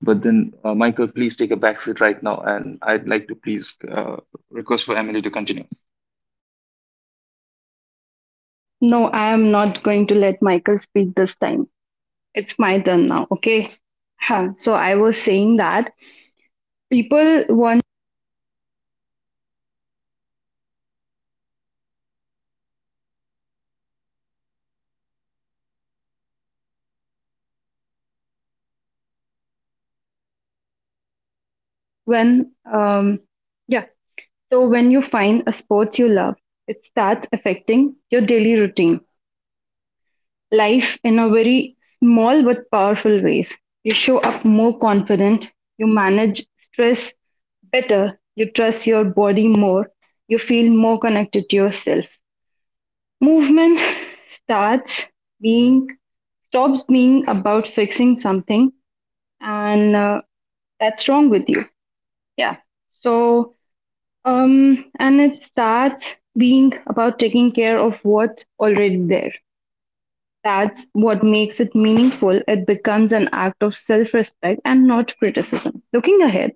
But then, Michael, please take a back seat right now, and I'd like to please request for Emily to continue. no, I am not going to let Michael speak this time. It's my turn now, okay? Huh. So I was saying that people want when, um, yeah, so when you find a sport you love, it starts affecting your daily routine. Life in a very small but powerful ways. You show up more confident, you manage stress better, you trust your body more, you feel more connected to yourself. Movement starts being stops being about fixing something and that's wrong with you. Yeah. So and it starts being about taking care of what's already there. That's what makes it meaningful. It becomes an act of self respect and not criticism. Looking ahead,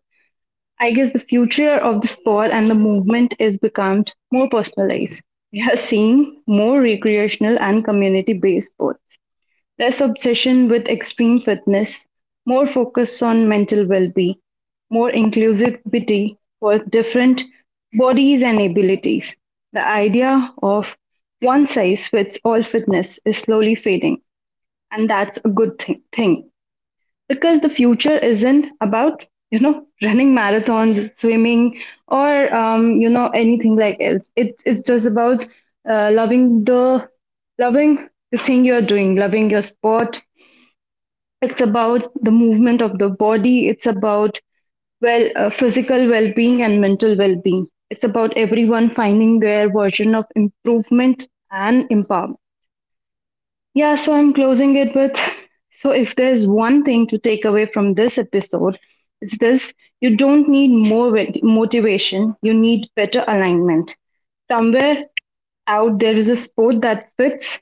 I guess the future of the sport and the movement is become more personalized. We are seeing more recreational and community based sports, less obsession with extreme fitness, more focus on mental well being, more inclusivity for different bodies and abilities. The idea of one size fits all fitness is slowly fading, and that's a good thing because the future isn't about, you know, running marathons, swimming, or you know, anything like else. It's just about uh, loving the loving the thing you're doing, loving your sport. It's about the movement of the body. It's about, well, physical well-being and mental well-being. It's about everyone finding their version of improvement and empowerment. Yeah, so I'm closing it with, so if there's one thing to take away from this episode, it's this: you don't need more motivation, you need better alignment. Somewhere out there is a sport that fits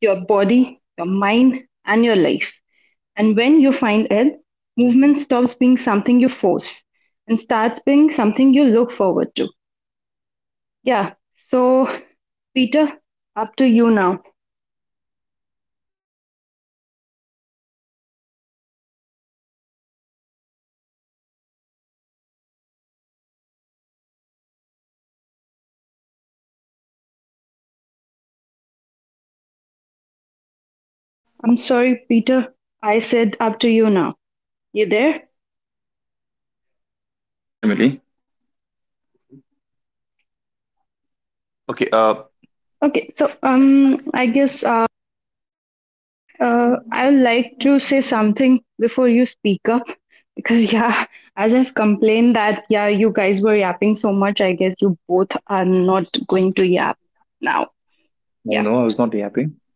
your body, your mind, and your life. And when you find it, movement stops being something you force and starts being something you look forward to. Yeah, so Peter, up to you now. Thank you very much again for both of you for giving this insights on of yours on this topic that we're going to discuss today. And like I said at the very starting of the our discussion, that we have a time constraint. I'm sorry, Peter. I said up to you now. You there? Yeah. Hi, Emily. Okay. Okay, so I guess I would like to say something before you speak up *laughs* because, yeah, as I've complained that, yeah, you guys were yapping so much, I guess you both are not going to yap now. Yeah, No, no, I was not yapping.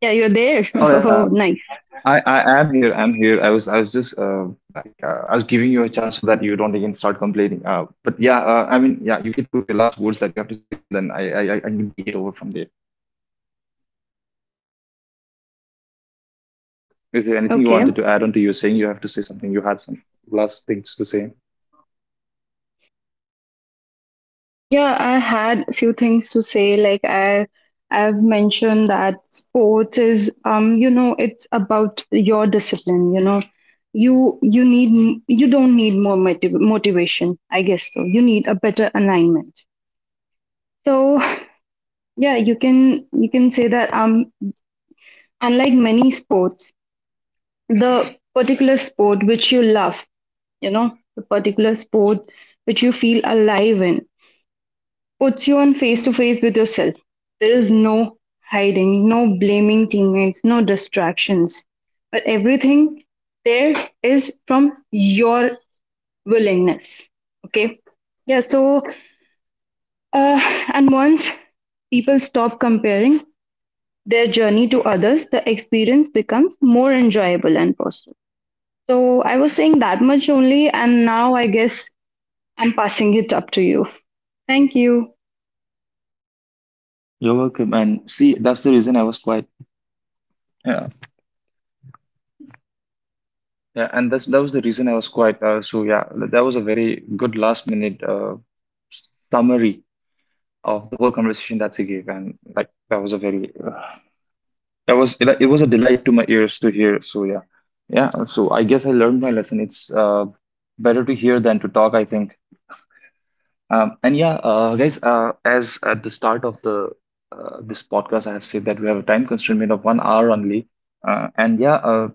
yeah, you're there. All *laughs* right. Oh, nice. I am here. I'm here. I was just I was giving you a chance so that you don't again start complaining. But yeah. I mean, yeah. You could put your last words that you have to say, and then I can take it over from there. Uh, Is there anything you Okay. wanted to add on to you saying you have to say something? You had some last things to say. Mm, yeah, I had a few things to say. Like I, I've mentioned that sports is, you know, it's about your discipline. You know, you need you don't need more motivation, I guess so. You need a better alignment. So *laughs* yeah, you can say that unlike many sports, the particular sport which you love, you know, the particular sport which you feel alive in puts you on face to face with yourself. There is no hiding, no blaming teammates, no distractions. But everything there is from your willingness. Okay. Yeah. So, and once people stop comparing their journey to others, the experience becomes more enjoyable and positive. So, I was saying that much only, and now I guess I'm passing it up to you. Thank you. You're welcome. And see, that's the reason I was quiet. Yeah. Yeah. And that was the reason I was quiet. So yeah, that was a very good last minute summary of the whole conversation that she gave, and like that was a very that was it was a delight to my ears to hear. So yeah. Yeah, so I guess I learned my lesson. It's better to hear than to talk, I think. And yeah, guys, as at the start of the this podcast, I have said that we have a time constraint of 1 hour only. Uh, and yeah, uh,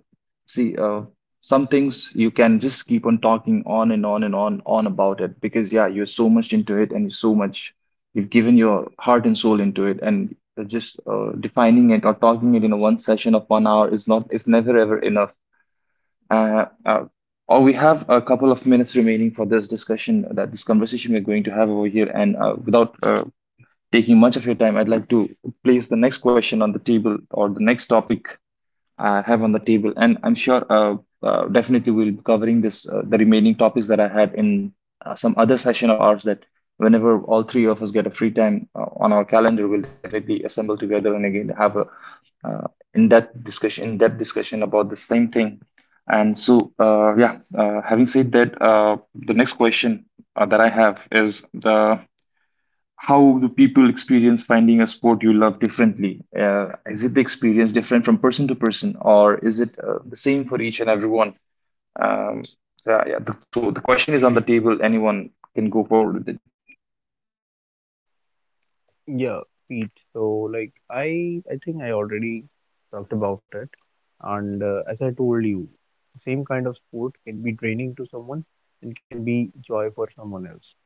See, some things you can just keep on talking on and on and on about it, because yeah, you're so much into it, and you're so much you've given your heart and soul into it, and just defining it or talking it in a one session of 1 hour is not is never ever enough. Uh, uh, or we have a couple of minutes remaining for this discussion, that this conversation we're going to have over here. And without taking much of your time, I'd like to place the next question on the table or the next topic I have on the table, and I'm sure definitely we'll be covering this the remaining topics that I had in some other session of ours. That whenever all three of us get a free time on our calendar, we'll definitely assemble together and again have a uh, in-depth discussion about the same thing. And so, yeah, having said that, the next question that I have is the how do people experience finding a sport you love differently? Is it the experience different from person to person, or is it the same for each and everyone? Um, so, yeah, so the question is on the table. Anyone can go forward with it. Yeah, Pete. So like I think I already talked about it, and as I told you, same kind of sport can be draining to someone and can be joy for someone else.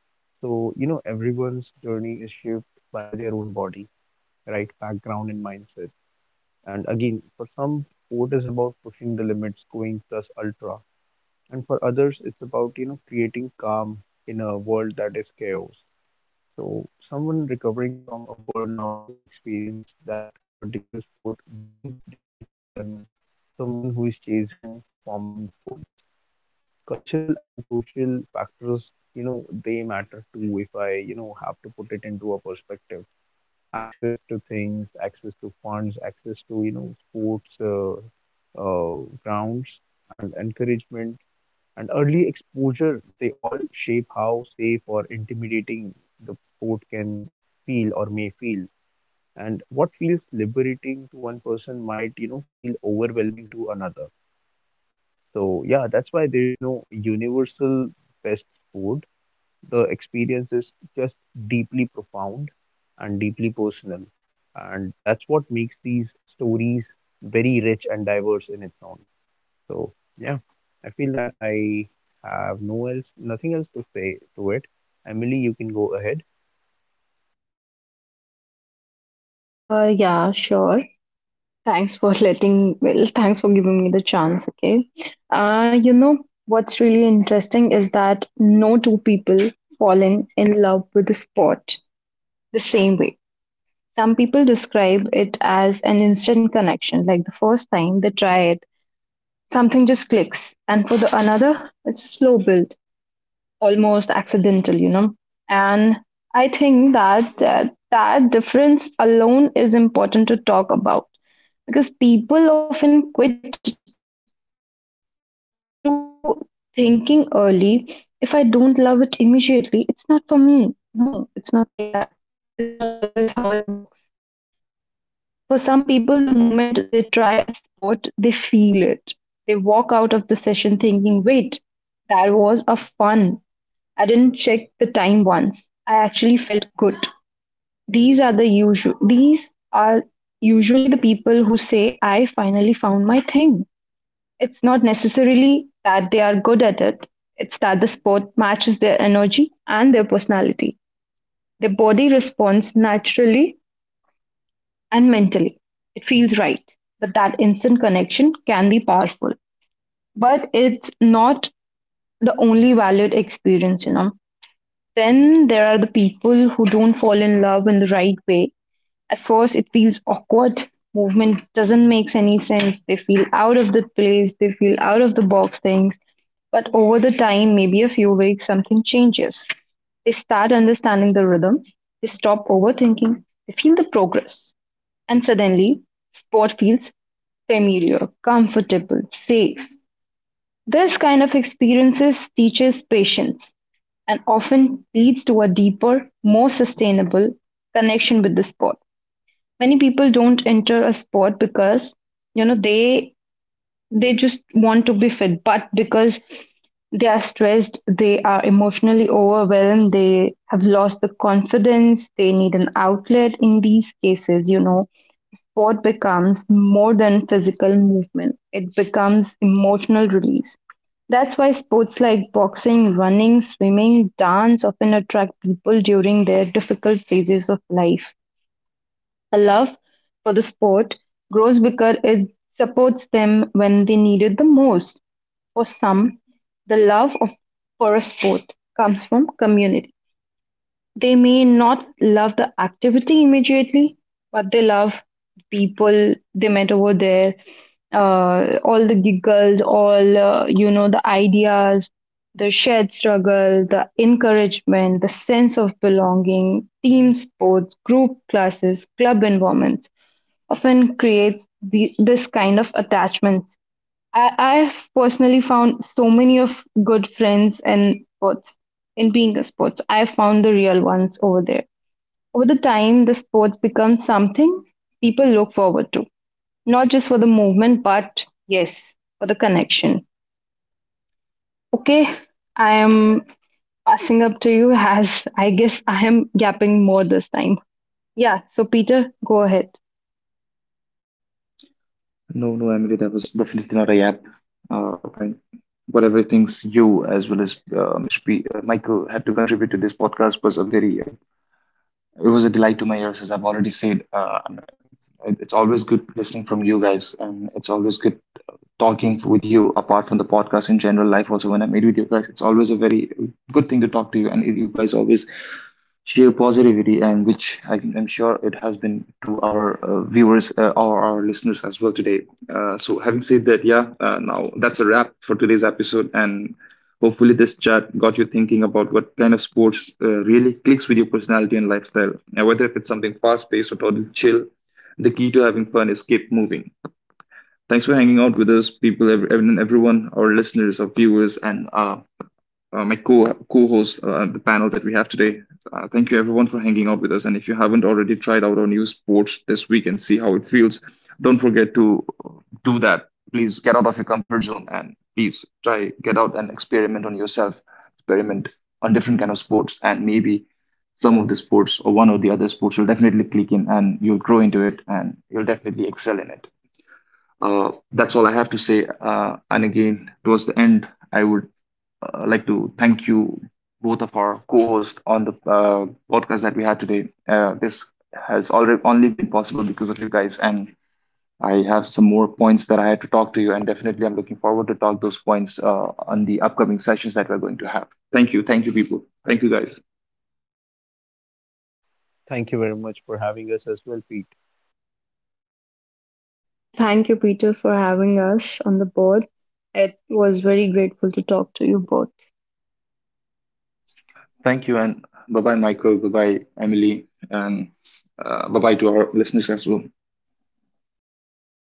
So you know everyone's journey is shaped by their own body, right? Background and mindset. And again, for some, sport is about pushing the limits, going plus ultra, and for others, it's about, you know, creating calm in a world that is chaos. So, someone recovering from a burnout will experience that particular sport very differently than someone who is chasing performance goals. Cultural and social factors, you know, they matter too if I, you know, have to put it into a perspective. Access to things, access to funds, access to, you know, sports uh, grounds, and encouragement, and early exposure, they all shape how safe or intimidating the sport can feel or may feel. And what feels liberating to one person might, you know, feel overwhelming to another. So yeah, that's why there is no universal best sport. The experience is just deeply profound and deeply personal. And that's what makes these stories very rich and diverse in its own. So yeah, I feel that I have no else, nothing else to say to it. Emily, you can go ahead. Yeah, sure. Thanks for thanks for giving me the chance. Okay. You know, what's really interesting is that no two people falling in love with a sport the same way. Some people describe it as an instant connection, like the first time they try it, something just clicks. And for the another, it's slow build, almost accidental, you know. And I think that difference alone is important to talk about because people often quit to thinking early, if I don't love it immediately, it's not for me. No, it's not like that. It's not always how it works. For some people, the moment they try a sport, they feel it. They walk out of the session thinking, wait, that was a fun. I didn't check the time once. I actually felt good. These are usually the people who say, I finally found my thing. It's not necessarily that they are good at it, it's that the sport matches their energy and their personality. Their body responds naturally and mentally. It feels right, but that instant connection can be powerful. But it's not the only valued experience, you know. Then there are the people who don't fall in love in the right way. At first, it feels awkward. Movement doesn't make any sense. They feel out of the place. They feel out of the box things. But over the time, maybe a few weeks, something changes. They start understanding the rhythm, they stop overthinking, they feel the progress. And suddenly, sport feels familiar, comfortable, safe. This kind of experiences teaches patience and often leads to a deeper, more sustainable connection with the sport. Many people don't enter a sport because, you know, they just want to be fit, but because they are stressed, they are emotionally overwhelmed, they have lost the confidence, they need an outlet. In these cases, you know, sport becomes more than physical movement, it becomes emotional release. That's why sports like boxing, running, swimming, dance often attract people during their difficult phases of life. A love for the sport grows because it supports them when they need it the most. For some, the love of, for a sport comes from community. They may not love the activity immediately, but they love people they met over there, all the giggles, all, you know, the ideas, the shared struggle, the encouragement, the sense of belonging, team sports, group classes, club environments often creates this kind of attachments. I've personally found so many of good friends in sports, in being a sports. I found the real ones over there. Over the time, the sports becomes something people look forward to, not just for the movement, but yes, for the connection. Okay, I am passing up to you as I guess I am gapping more this time. Yeah, so Peter, go ahead. No, no, Emily, that was definitely not a yap. And Whatever things you, as well as Mr. P, Michael, had to contribute to this podcast was it was a delight to my ears, as I've already said. And it's it's always good listening from you guys, and it's always good talking with you apart from the podcast in general life also. When I meet with you guys, it's always a very good thing to talk to you, and you guys always sheer positivity, and which I am sure it has been to our viewers or our listeners as well today. So having said that, yeah, now that's a wrap for today's episode. And hopefully this chat got you thinking about what kind of sports really clicks with your personality and lifestyle, and whether if it's something fast paced or totally chill, the key to having fun is keep moving. Thanks for hanging out with us, people, everyone, our listeners, our viewers, and my co co-host, the panel that we have today. Thank you, everyone, for hanging out with us. And if you haven't already tried out our new sports this week and see how it feels, don't forget to do that. Please get out of your comfort zone and please try get out and experiment on yourself. Experiment on different kind of sports, and maybe some of the sports or one or the other sports will definitely click in, and you'll grow into it, and you'll definitely excel in it. That's all I have to say. And again, towards the end, I would like to thank you, both of our co-hosts on the podcast that we had today. This has already only been possible because of you guys, and I have some more points that I had to talk to you, and definitely I'm looking forward to talk those points on the upcoming sessions that we're going to have. Thank you, people. Thank you, guys. Thank you very much for having us as well, Pete. Thank you, Peter, for having us on the board. It was very grateful to talk to you both. Thank you, and bye bye, Michael. Bye bye, Emily, and bye bye to our listeners as well. Bye.